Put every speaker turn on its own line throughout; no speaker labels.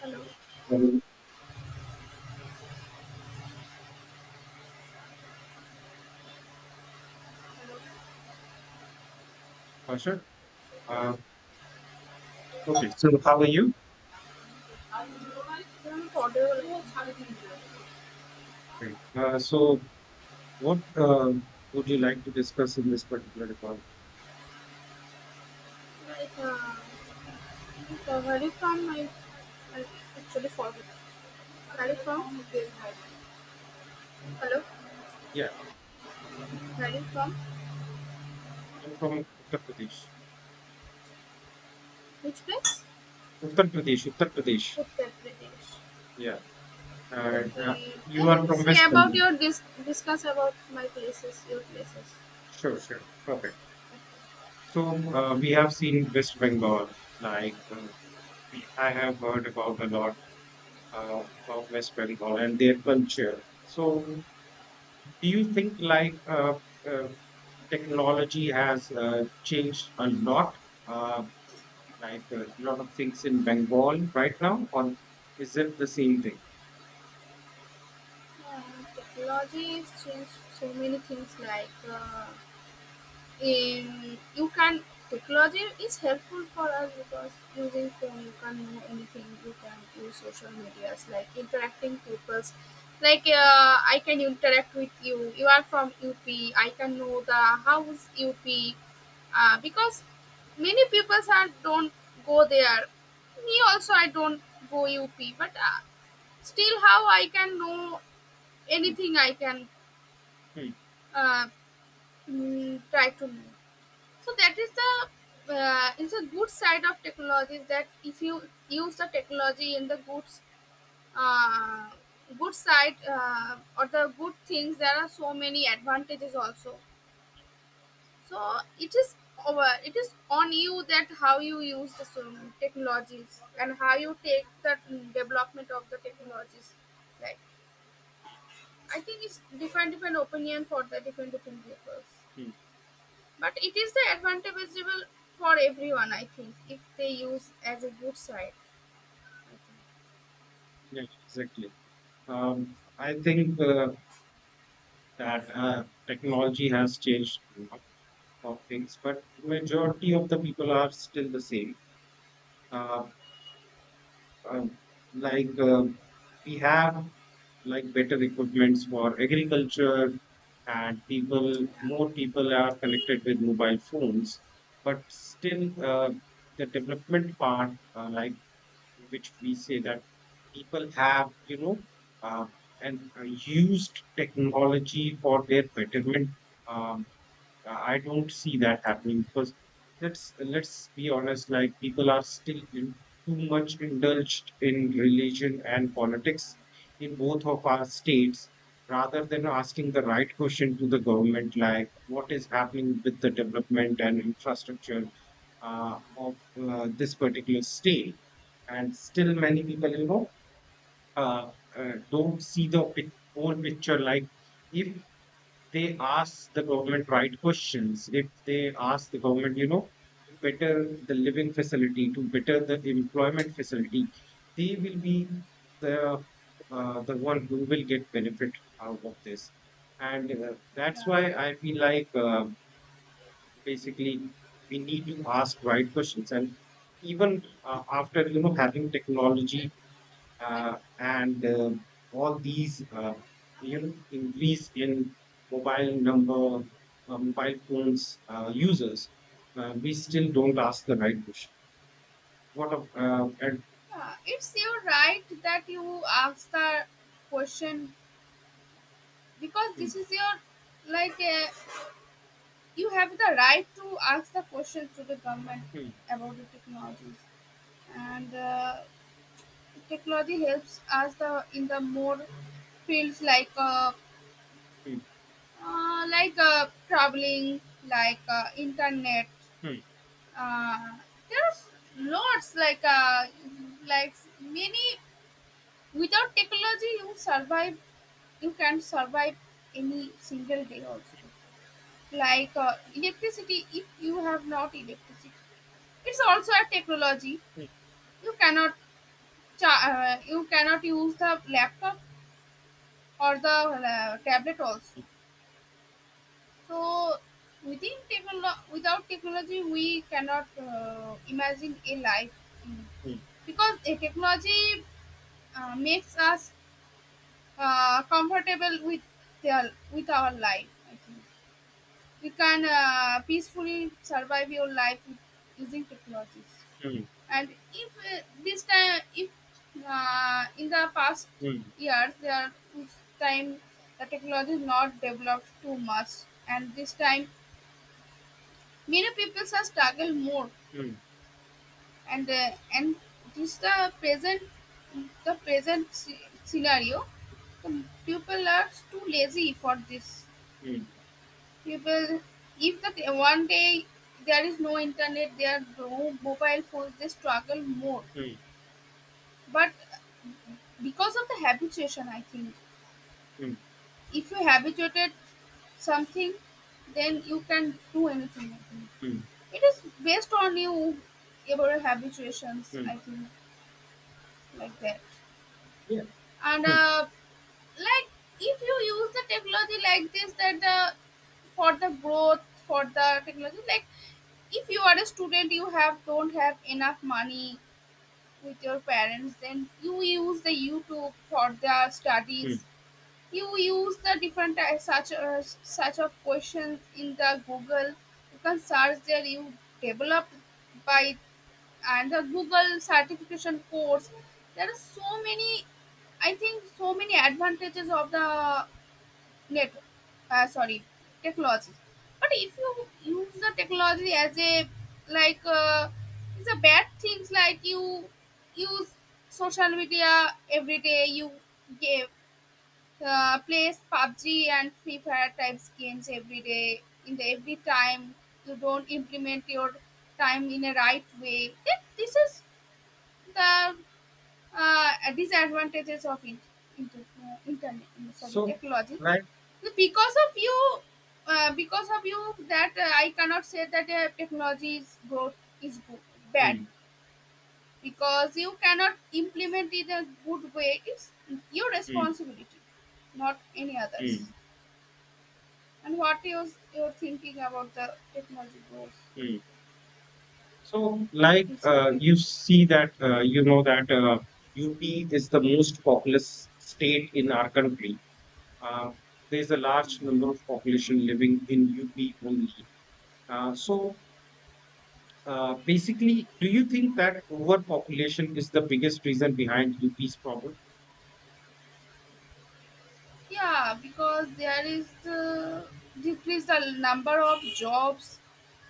Hello.
Uh, sure. Uh, okay. So, how are you?
I'm audible.
Great. So, what would you like to discuss in this particular call?
Like, uh, where you from? I actually forgot. Where you from? Hello.
Yeah,
Where you from?
I'm from Uttar Pradesh.
Which place?
Uttar Pradesh. Uttar Pradesh.
Uttar Pradesh.
Yeah. And
Okay.
you
Then
are from
say
West
about
Bengal.
your discuss about my places, your places.
Sure. Sure. Perfect. So, we have seen West Bengal. Like, I have heard about a lot about West Bengal and their culture. So, do you think like uh, technology has changed a lot. Uh, like, a lot of things in Bengal right now, or is it the same thing?
Uh, Technology has changed so many things like. You can technology is helpful for us because using phone you can know anything you can use social medias like interacting people's like I can interact with you you are from up I can know the house up because many people are don't go there me also I don't go up but still how I can know
Hmm,
anything I can
hmm,
uh, try to know. So that is the is a good side of technology, is that if you use the technology in the good uh, good side or the good things there are so many advantages also. So it is over, it is on you that how you use the technologies and how you take the development of the technologies. Like I think it's different different opinion for the different different people.
hmm.
But it is the advantageable for everyone, I think, if they use as a good side.
Yeah, exactly. I think that technology has changed a lot of things, but majority of the people are still the same. Uh, um, like we have like better equipments for agriculture, and people more people are connected with mobile phones, but still the development part, like, which we say that people have, you know, uh, and used technology for their betterment. um, I don't see that happening because let's be honest. Like, people are still too much indulged in religion and politics in both of our states, rather than asking the right question to the government, like what is happening with the development and infrastructure of this particular state. And still, many people, you know, don't see the whole picture. Like, if they ask the government right questions, if they ask the government, you know, to better the living facility, to better the employment facility, they will be the the one who will get benefit out of this. And that's
Yeah,
why I feel like, basically, we need to ask right questions. And even after, you know, having technology uh, and all these, you know, increase in mobile number mobile phones users, we still don't ask the right question, what of and
yeah, it's your right that you ask the question because
Hmm,
this is your like you have the right to ask the question to the government
hmm,
about the technologies, and technology helps us the in the more fields
hmm,
like traveling, like internet,
hmm,
uh, there's lots like many without technology you survive, you can survive any single day also. Like electricity, if you have not electricity, it's also a technology.
hmm,
You cannot you cannot use the laptop or the tablet also. So within without technology, we cannot imagine a life mm. Because a technology makes us comfortable with their, with our life. I think we can peacefully survive your life with, using technologies.
hmm, hmm,
And if this time, if in the past years there was time the technology is not developed too much, and this time many people have struggled more,
hmm, hmm,
and this the present the scenario. The people are too lazy for this.
hmm,
People, if the one day there is no internet, there are no mobile phones, they struggle more. But because of the habituation, I think
hmm, hmm,
if you habituated something, then you can do anything. I think.
hmm,
It is based on you, your habituations.
hmm.
I think. Like that.
Yeah.
And
Hmm,
like if you use the technology like this, that the for the growth for the technology, like if you are a student, you have don't have enough money with your parents, then you use the YouTube for the studies.
hmm.
You use the different such of questions in the Google, you can search there. You develop by and the Google certification course, there are so many, I think so many advantages of the net sorry, technology. But if you use the technology as a like it's a bad things, like you use social media every day, you give plays PUBG and Free Fire types games every day in the every time, you don't implement your time in a right way, then this is the disadvantages of it, internet, sorry,
So,
technology.
like.
Because of you because of you that I cannot say that technology is good, bad,
Hmm,
because you cannot implement it in a good way. It's your
hmm,
responsibility, not any others.
hmm,
And what is your thinking about the technology growth?
hmm. So, like,
Its effect.
you see that, you know that, UP is the most populous state in our country. Uh, there's a large number of population living in UP only. So, basically, do you think that overpopulation is the biggest reason behind UP's problem?
Yeah, because there is the decrease, the number of jobs,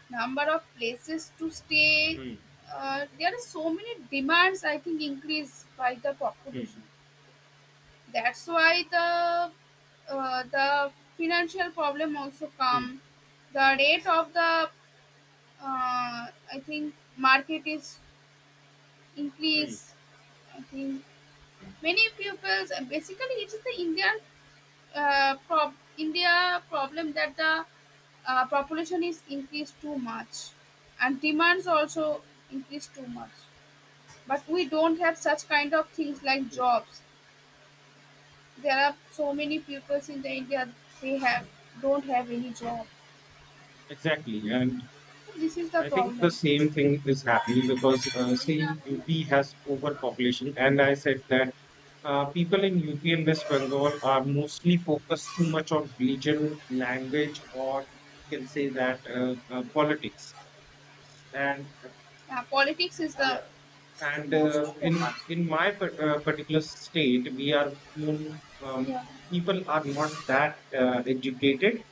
number of places to stay.
Hmm,
There are so many demands, I think, increase by the population.
hmm,
That's why the financial problem also
hmm,
come, the rate of the uh, I think market is increase.
hmm,
I think many pupils, basically it is the Indian India problem, that the population is increased too much, and demands also increase too much. But we don't have such kind of things like
hmm.
jobs. There are so many peoples in the India, they have don't have any job.
Exactly, and
This is the
I think the
problem.
same thing is happening because, see, UP has overpopulation, and I said that. People in UP and West Bengal are mostly focused too much on religion, language, or you can say that, politics. And
Yeah, politics is the
yeah, and
most
in
focus.
my particular state, we are more. um,
Yeah.
People are not that educated.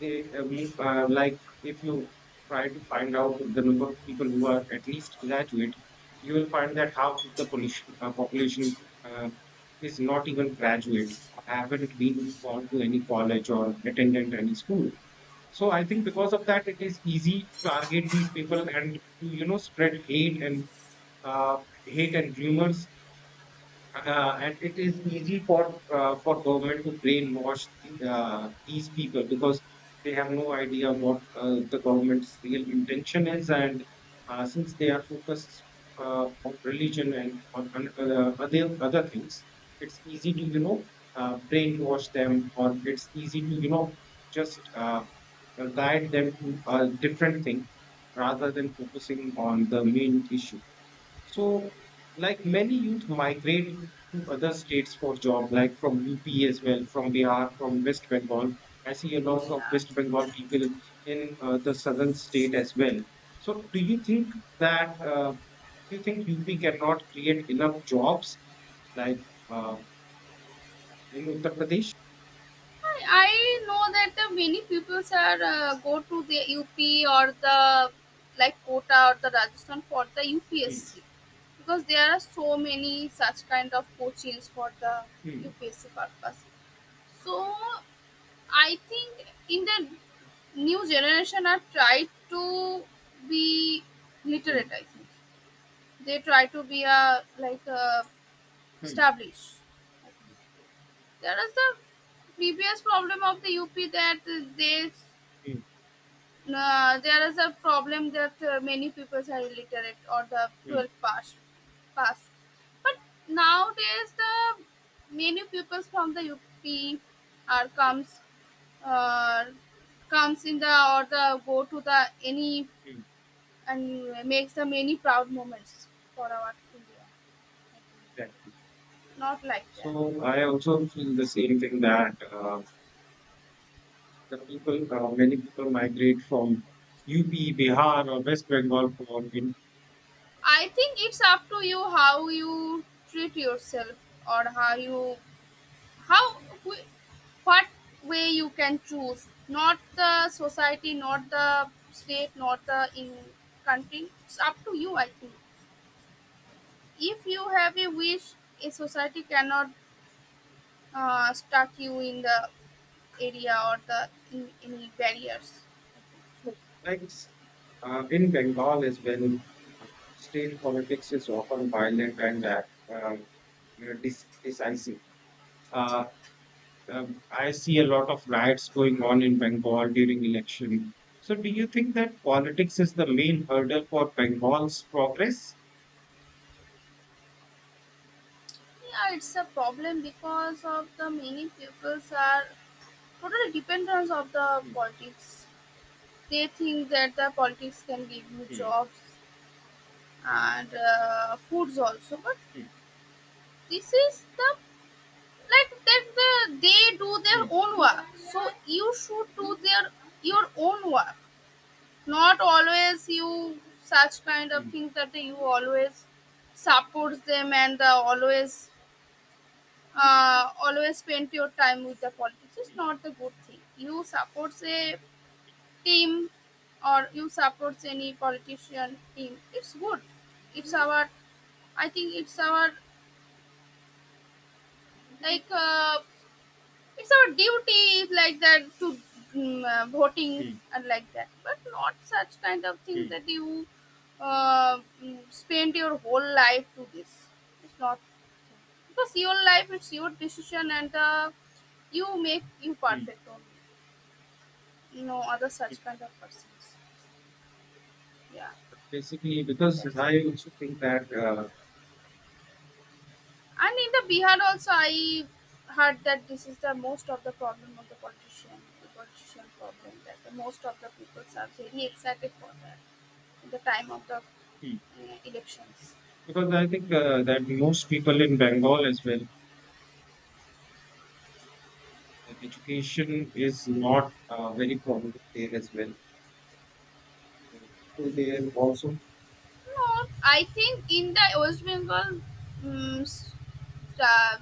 They like, if you try to find out the number of people who are at least graduate, you will find that half of the population uh, is not even graduate, or haven't been gone to any college or attended any school. So I think, because of that, it is easy to target these people, and to, you know, spread uh, hate and rumors, and it is easy for government to brainwash these people because they have no idea what the government's real intention is, and since they are focused on religion and on other things, it's easy to, you know, brainwash them, or it's easy to, you know, just guide them to a different thing, rather than focusing on the main issue. So, like, many youth migrate to other states for job, like from UP as well, from Bihar, from West Bengal. I see a lot of
Yeah.
West Bengal people in, the southern state as well. So, that uh, do you think UP cannot create enough jobs like, uh, in Uttar Pradesh?
I know that the many people are go to the UP or the like Kota or the Rajasthan for the
Hmm,
UPSC, because there are so many such kind of coachings for the
hmm,
UPSC purpose. So I think in the new generation are try to be
hmm,
literate. I think they try to be a like a
hmm,
established. There is the previous problem of the UP, that they
hmm,
There is a problem that many people are illiterate or the
hmm,
12th pass. But nowadays, the many pupils from the UP are
hmm,
uh, comes in the or the go to the any
hmm.
and makes the many proud moments for our India.
Exactly.
Not like that.
So, I also feel the same thing that the people many people migrate from UP, Bihar, or West Bengal for in.
I think it's up to you how you treat yourself or how you how wh- what way you can choose, not the society, not the state, not the in country. It's up to you, I think. If you have a wish, a society cannot stuck you in the area or the in, any barriers.
So, like, in Bengal as well. uh, State politics is often violent and uh, decisive. Uh, I see a lot of riots going on in Bengal during election. So, do you think that politics is the main hurdle for Bengal's progress?
Yeah, it's a problem because of the many peoples are totally dependent of the
Hmm,
politics. They think that the politics can give you
hmm,
jobs and foods also, but
hmm,
this is the like that the, they do their
hmm,
own work, so you should do their your own work. Not always you such kind of
hmm,
things that you always support them and always spend your time with the politics is
hmm,
not the good thing. You support a team or you support any politician team, it's good. It's our, I think it's our like it's our duty like that to voting
hmm,
and like that, but not such kind of
hmm,
thing
hmm,
that you spend your whole life to this. It's not, because your life is your decision and you make you
hmm.
perfect only. No other such kind of persons. Yeah,
Basically, because
that's it.
I also think that,
And in the Bihar also, I heard that this is the most of the problem of the politician problem, that the most of the people are very excited for that at the time of the
Hmm.
elections.
because I think that most people in Bengal as well, that education is not very prominent there as well. People there also.
No, I think in the West Bengal, um, uh,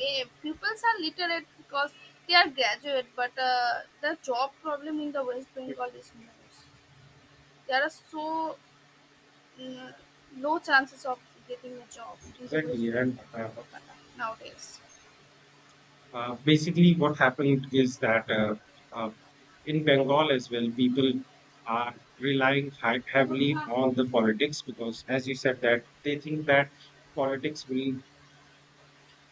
pupils are literate because they are graduate, but the job problem in the West Bengal is most. There are so mm, low chances of getting a job in the West
Exactly, and
Bengal, Kolkata nowadays.
basically, what happened is that, uh, in Bengal as well, people are relying heavily on the politics because, as you said, that they think that politics will.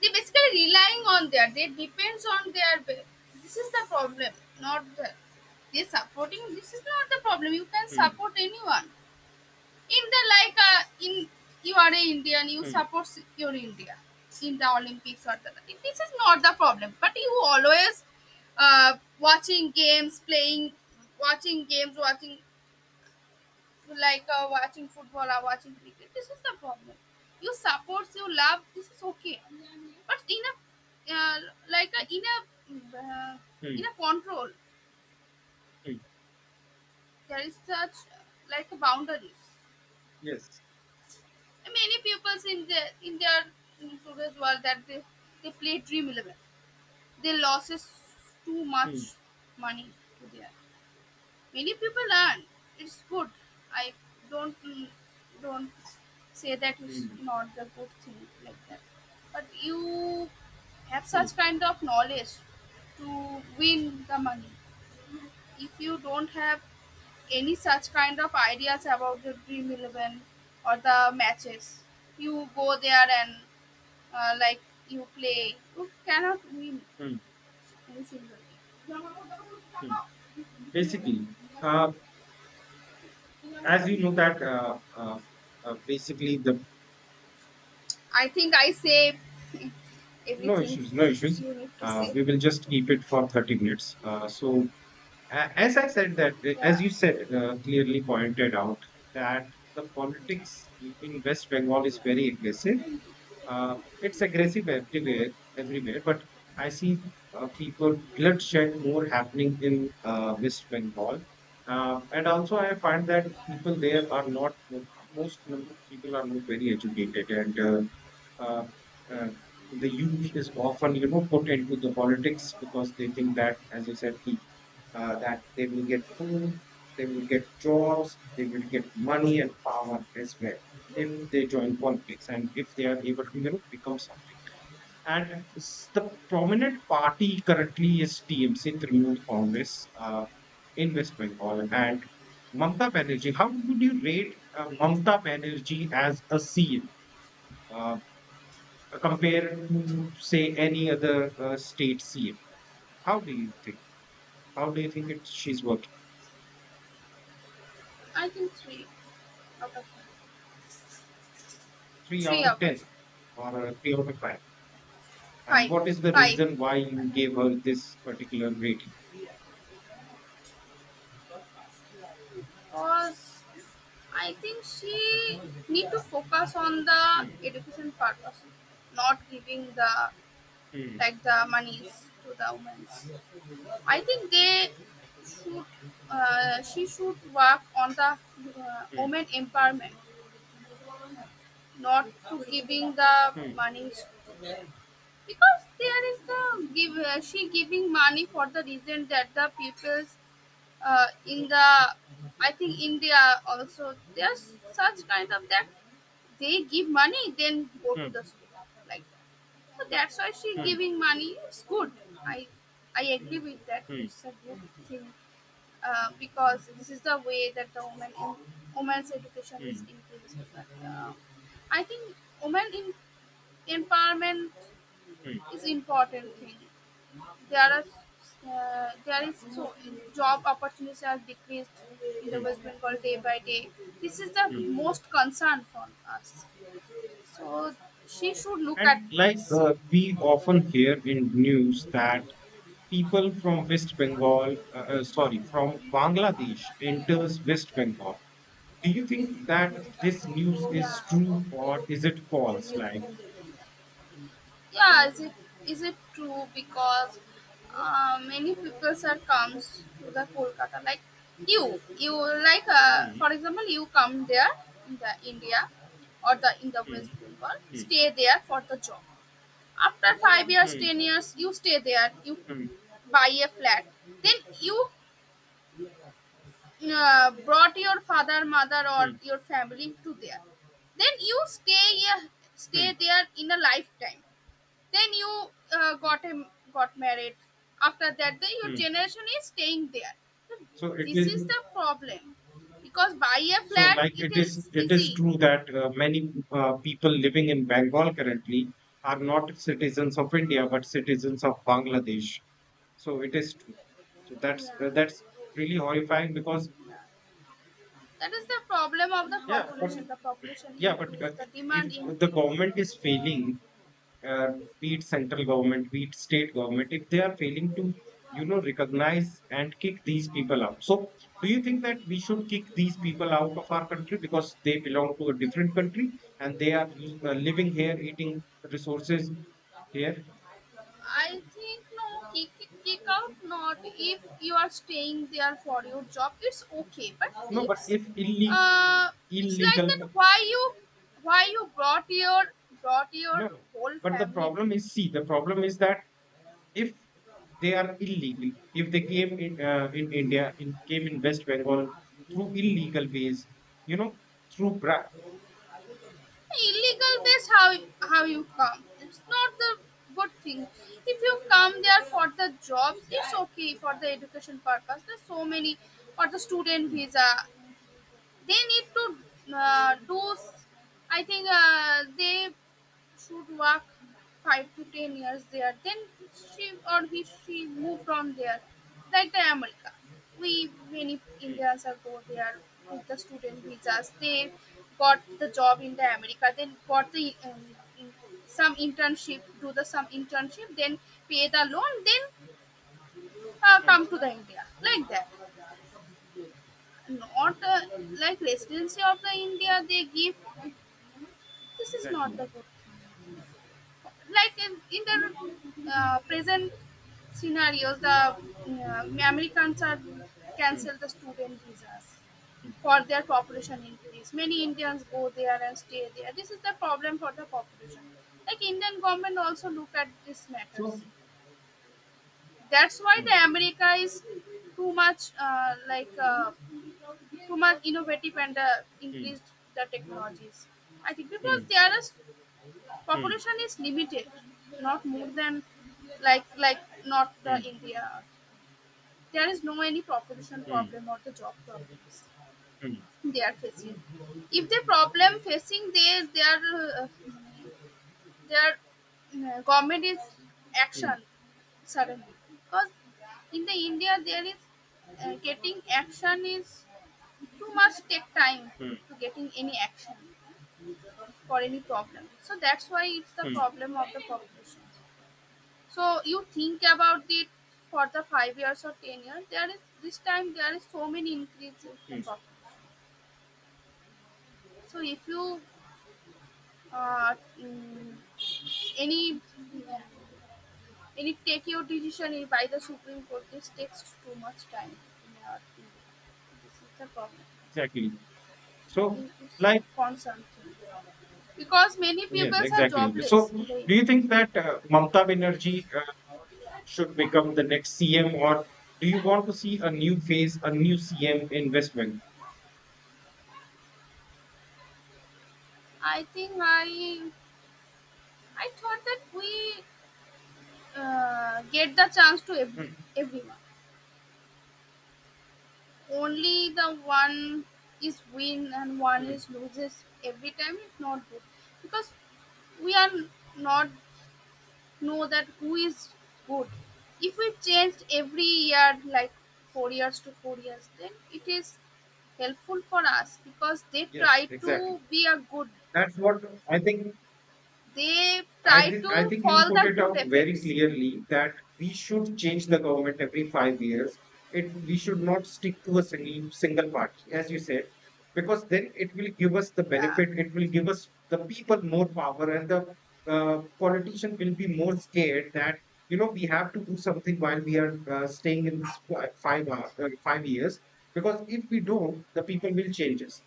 They basically relying on their, they depends on their this is the problem, not the they supporting. This is not the problem, you can
Hmm.
support anyone in the like in you are an Indian, you
Hmm.
support your India in the Olympics or the, this is not the problem. But you always uh, watching games playing watching games watching like watching football or watching cricket. This is the problem. You support, you love, this is okay, but in a uh, like
Hmm.
a, in a uh, in
Hmm.
a control,
Hmm,
there is such like a boundaries.
yes.
And many people in their in their in today's world that they play Dream 11. They loses too much
Hmm.
money to their. Many people are it's good. I don't mm, don't say that it's
Hmm.
not the good thing like that. But you have
Mm,
such kind of knowledge to win the money. If you don't have any such kind of ideas about the Dream 11 or the matches, you go there and like you play, you cannot win
mm,
any single
mm. Basically, uh, as you
game.
know that, basically the
I think I say
no
everything
issues, no issues.
you need to say
We will just
something.
keep it for 30 minutes. So, as I said that,
Yeah,
as you said, clearly pointed out that the politics in West Bengal is very aggressive. Uh, it's aggressive everywhere, everywhere. But I see people bloodshed more happening in, West Bengal, and also I find that people there are not most number of people are not very educated, and uh, uh, the youth is often, you know, put into the politics because they think that, as you said, that they will get food, they will get jobs, they will get money and power as well if they join politics and if they are able to, you know, become something. And the prominent party currently is TMC, Trinamool Congress, in West Bengal. And Mamta Banerjee, how would you rate Mamta Banerjee as a CM, compare to say any other state CM? How do you think? How do you think it, she's working?
I think three out of five.
Three out
Three
of
out of
ten, or three out of five? And
five.
what is the
Five,
reason why you gave her this particular rating?
cause I think she need to focus on the
Mm,
education part also, not giving the
mm,
like the monies to the women. I think they should she should work on the
mm,
women empowerment, not to giving the
mm,
monies, because there is the give she giving money for the reason that the peoples in the I think India also there's such kind of that they give money then go to the school like that. So that's why she
mm,
giving money. It's good. I I agree with that.
mm,
It's a good thing because this is the way that the woman in women's education is
mm,
increased. But, I think women in empowerment
mm, mm,
is important thing. There are there is so job opportunities are decreased in the
mm,
West Bengal day by day. This is the
mm.
most concern for us. So she should look at
And like,
this.
we often hear in news that people from West Bengal, sorry, from Bangladesh, enters West Bengal. Do you think that this news is true or is it false?
Yeah.
Like.
Yeah, is it true? Because many people, sir, comes to the Kolkata. Like you like
Mm,
for example, you come there in the India or the in the West
mm,
Bengal,
mm,
stay there for the job. After 5 years,
mm,
10 years you stay there, you
mm,
buy a flat, then you brought your father, mother, or
mm,
your family to there. Then you stay
mm,
there in a lifetime, then you uh, got him got married. After that, then your
mm.
generation is staying there. So
So it
this
is.
is the problem, because buy a
So,
flat
like,
it
it is.
is
It
easy.
is true that many people living in Bengal currently are not citizens of India but citizens of Bangladesh. So it is true. So that's really horrifying because.
That is the problem of the
yeah, but
population. The population
yeah, but
increase, the
if
demand
the
increase.
government is failing, uh, be it central government, be it state government, if they are failing to, you know, recognize and kick these people out. So, do you think that we should kick these people out of our country because they belong to a different country, and they are living here, eating resources here?
I think no, kick out not if you are staying there for your job, it's okay. But
No, but
it's
if illegal,
uh it's like
illegal,
that, why you why you brought your brought your
no, no.
whole
But the
family
problem
there?
is, see, the problem is that if they are illegal, if they came in India, in came in West Bengal through illegal ways, you know, through bra.
Illegal, that's how you come, it's not the good thing. If you come there for the jobs, it's okay. For the education purpose, there's so many, for the student
Mm,
visa, they need to do s- I think they should work 5 to 10 years there. Then she or he she move from there. Like the America, we, many Indians are go there with the student visas. They got the job in the America, then got the in, some internship, do the some internship, then pay the loan, then
mm,
come to the India, like that. Not like residency of the India they give. This is not
exactly.
the good. Like in the present scenarios, the Americans are
Mm,
cancel the student visas
mm.
for their population increase. Many Indians go there and stay there. This is the problem for the population. Like Indian government also look at these
So.
matters. That's why
Mm,
the America is too much too much innovative and
mm,
increased the technologies. I think because
mm,
there is
mm,
population is limited, not more than, like like not the
mm,
India. There is no any population
mm,
problem or the job problem
mm,
they are facing. If the problem facing, they are their government is
mm,
action suddenly, because in the India there is getting action is too much take time
mm,
to getting any action for any problem. So that's why it's the
mm,
problem of the population. So you think about it. For the 5 years or 10 years, there is this time, there is so many increase in the
mm.
problem. So if you uh, mm, any any "Take Your Decision" is by the Supreme Court. This takes too much time in our India. This is the problem.
Exactly.
I
So,
think it's a
like.
concern thing. Because many
Yes,
peoples are
exactly. So,
jobless in the
do you
India
think that, Mamata Banerjee
nowadays.
should become the next CM, or do you want to see a new phase, a new CM investment?
I think I thought that we get the chance to every,
Mm,
everyone. Only the one is win and one
mm.
is loses every time is not good. Because we are not know that who is good. If we changed every year, like 4 years to 4 years, then it is helpful for us because they
Yes,
try
exactly.
to be a good.
That's what I think.
They
I
try
think I
to
think you
follow
put
the
it
good
out very
effects.
clearly that we should change the government every 5 years. It, we should not stick to a single party, as you said, because then it will give us the
Yeah,
benefit. It will give us the people more power, and the politician will be more scared that, you know, we have to do something while we are staying in this fi- five hour, 5 years. Because if we don't, the people will change us.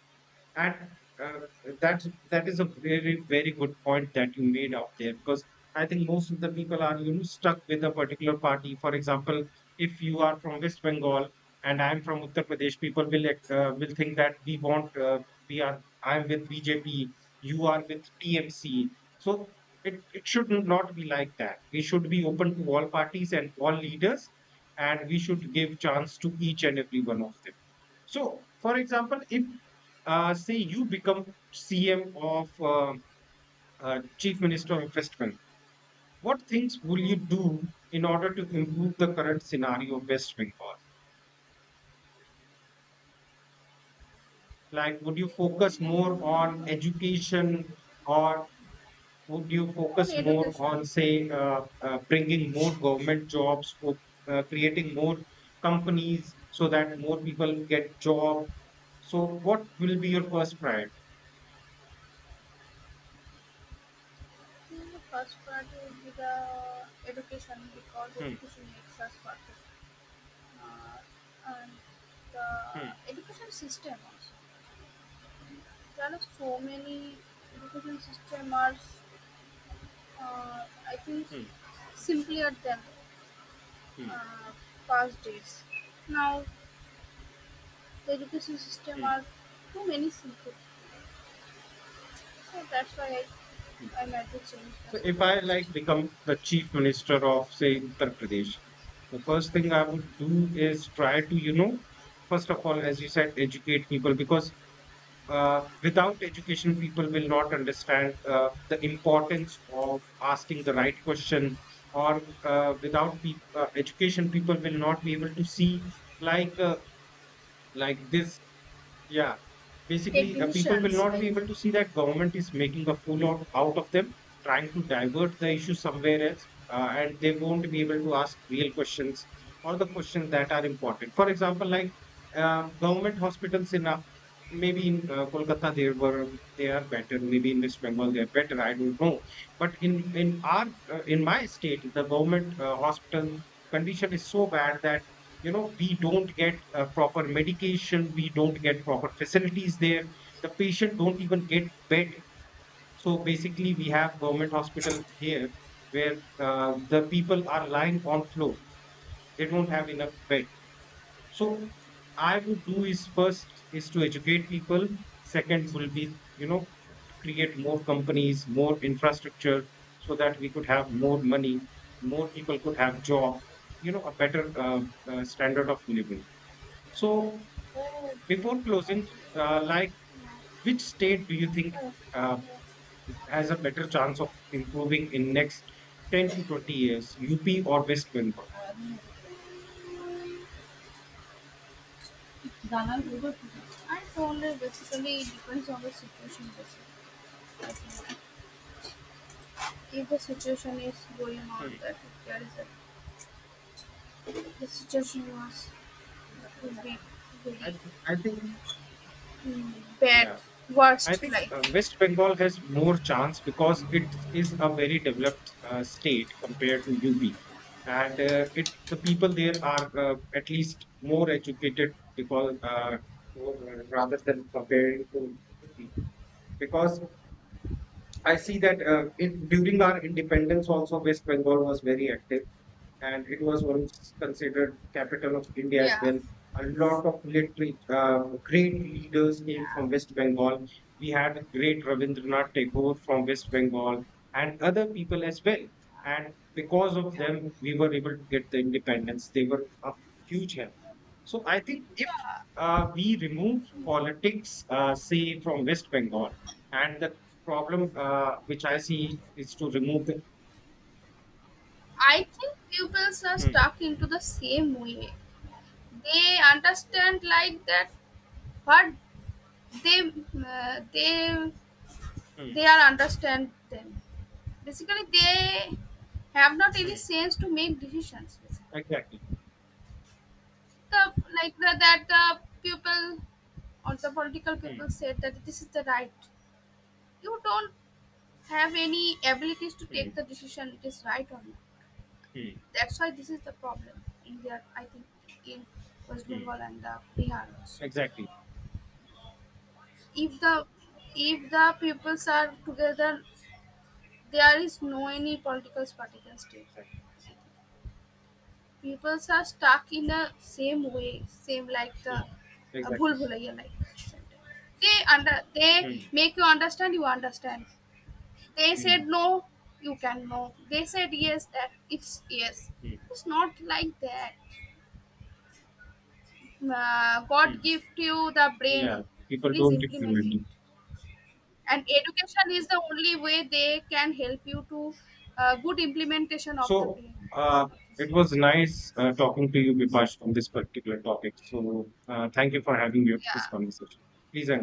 And uh, that is a very, very good point that you made out there because I think most of the people are, you know, stuck with a particular party. For example, if you are from West Bengal and I'm from Uttar Pradesh, people will think that we want we are I'm with BJP, you are with TMC. So it should not be like that. We should be open to all parties and all leaders, and we should give chance to each and every one of them. So, for example, if, say, you become CM of, Chief Minister of West Bengal, what things will you do in order to improve the current scenario of West Bengal? Like, would you focus more on education, or would you
on
focus more
education.
on, say, bringing more government jobs, or creating more companies so that more people get job? So, what will be your first priority?
I think the first part would be the education, because
Hmm,
education makes us perfect. Uh, and
hmm,
the education system also. There are so many education system are I think
hmm,
simpler than
hmm.
uh, past days. Now the education system
Mm,
are too many simple, so that's why
mm.
I might be change the
So if I
education
like
system.
become the chief minister of, say, Uttar Pradesh, the first thing I would do is try to, you know, first of all, as you said, educate people, because without education, people will not understand the importance of asking the right question. Or without education, people will not be able to see, like the, like this. Yeah,
Take
basically, people will
decisions
not
like.
be able to see that government is making a fool out of them, trying to divert the issue somewhere else, and they won't be able to ask real questions, or the questions that are important. For example, like, government hospitals in, maybe in, Kolkata, they are better, maybe in West Bengal they are better. I don't know, but in our, in my state, the government hospital condition is so bad that, you know, we don't get proper medication, we don't get proper facilities there, the patient don't even get bed. So basically, we have government hospital here where the people are lying on floor, they don't have enough bed. So, I would do is first is to educate people, second will be, you know, to create more companies, more infrastructure, so that we could have more money, more people could have job, you know, a better, standard of living. So,
Oh,
before closing, like,
yeah,
which state do you think
oh,
uh,
okay.
has a better chance of improving in next 10 to 20 years, UP or West Bengal?
And only basically it depends on the situation. Basically, I think if the situation is going on,
Hmm.
that if there is a, the situation was, would be
I,
very,
I think,
mm, bad,
yeah, I
worst,
think
like
West Bengal has more chance because it is a very developed state compared to UP, and it the people there are at least more educated, because rather than comparing to UP, because I see that, in, during our independence, also West Bengal was very active, and it was once considered capital of India as
yeah,
well. A lot of literary, great leaders came
yeah,
from West Bengal. We had great Rabindranath Tagore from West Bengal, and other people as well. And because of them, we were able to get the independence. They were of huge help. So I think if,
yeah,
we remove
yeah.
politics, say, from West Bengal. And the problem which I see is to remove the.
I think pupils are
Hmm,
stuck into the same way. They understand like that, but they they
hmm,
they are understand them. Basically, they have not any
hmm.
sense to make decisions. Basically.
Exactly.
The, like the, that the people or the political
Hmm,
people said that this is the right. You don't have any abilities to take
hmm,
the decision, it is right or not.
hmm,
That's why this is the problem in there. I think in West
hmm.
Bengal and the Bihar also.
Exactly,
If the if the peoples are together, there is no any political party can stay.
exactly.
Peoples are stuck in the same way, same like the
Yeah, exactly.
Bhul Bhulaiya like sentence. They under, they
Hmm,
make you understand. You understand. They
hmm,
said no, you can no. They said yes, that it's yes.
hmm,
It's not like that. God
hmm.
gift you the
Yeah.
brain.
People
Please
don't
implement
include
it.
it.
And education is the only way they can help you to good implementation of the
So,
brain.
uh, it was nice talking to you, Bipash, on this particular topic. So, thank you for having you this
Yeah.
conversation. Please and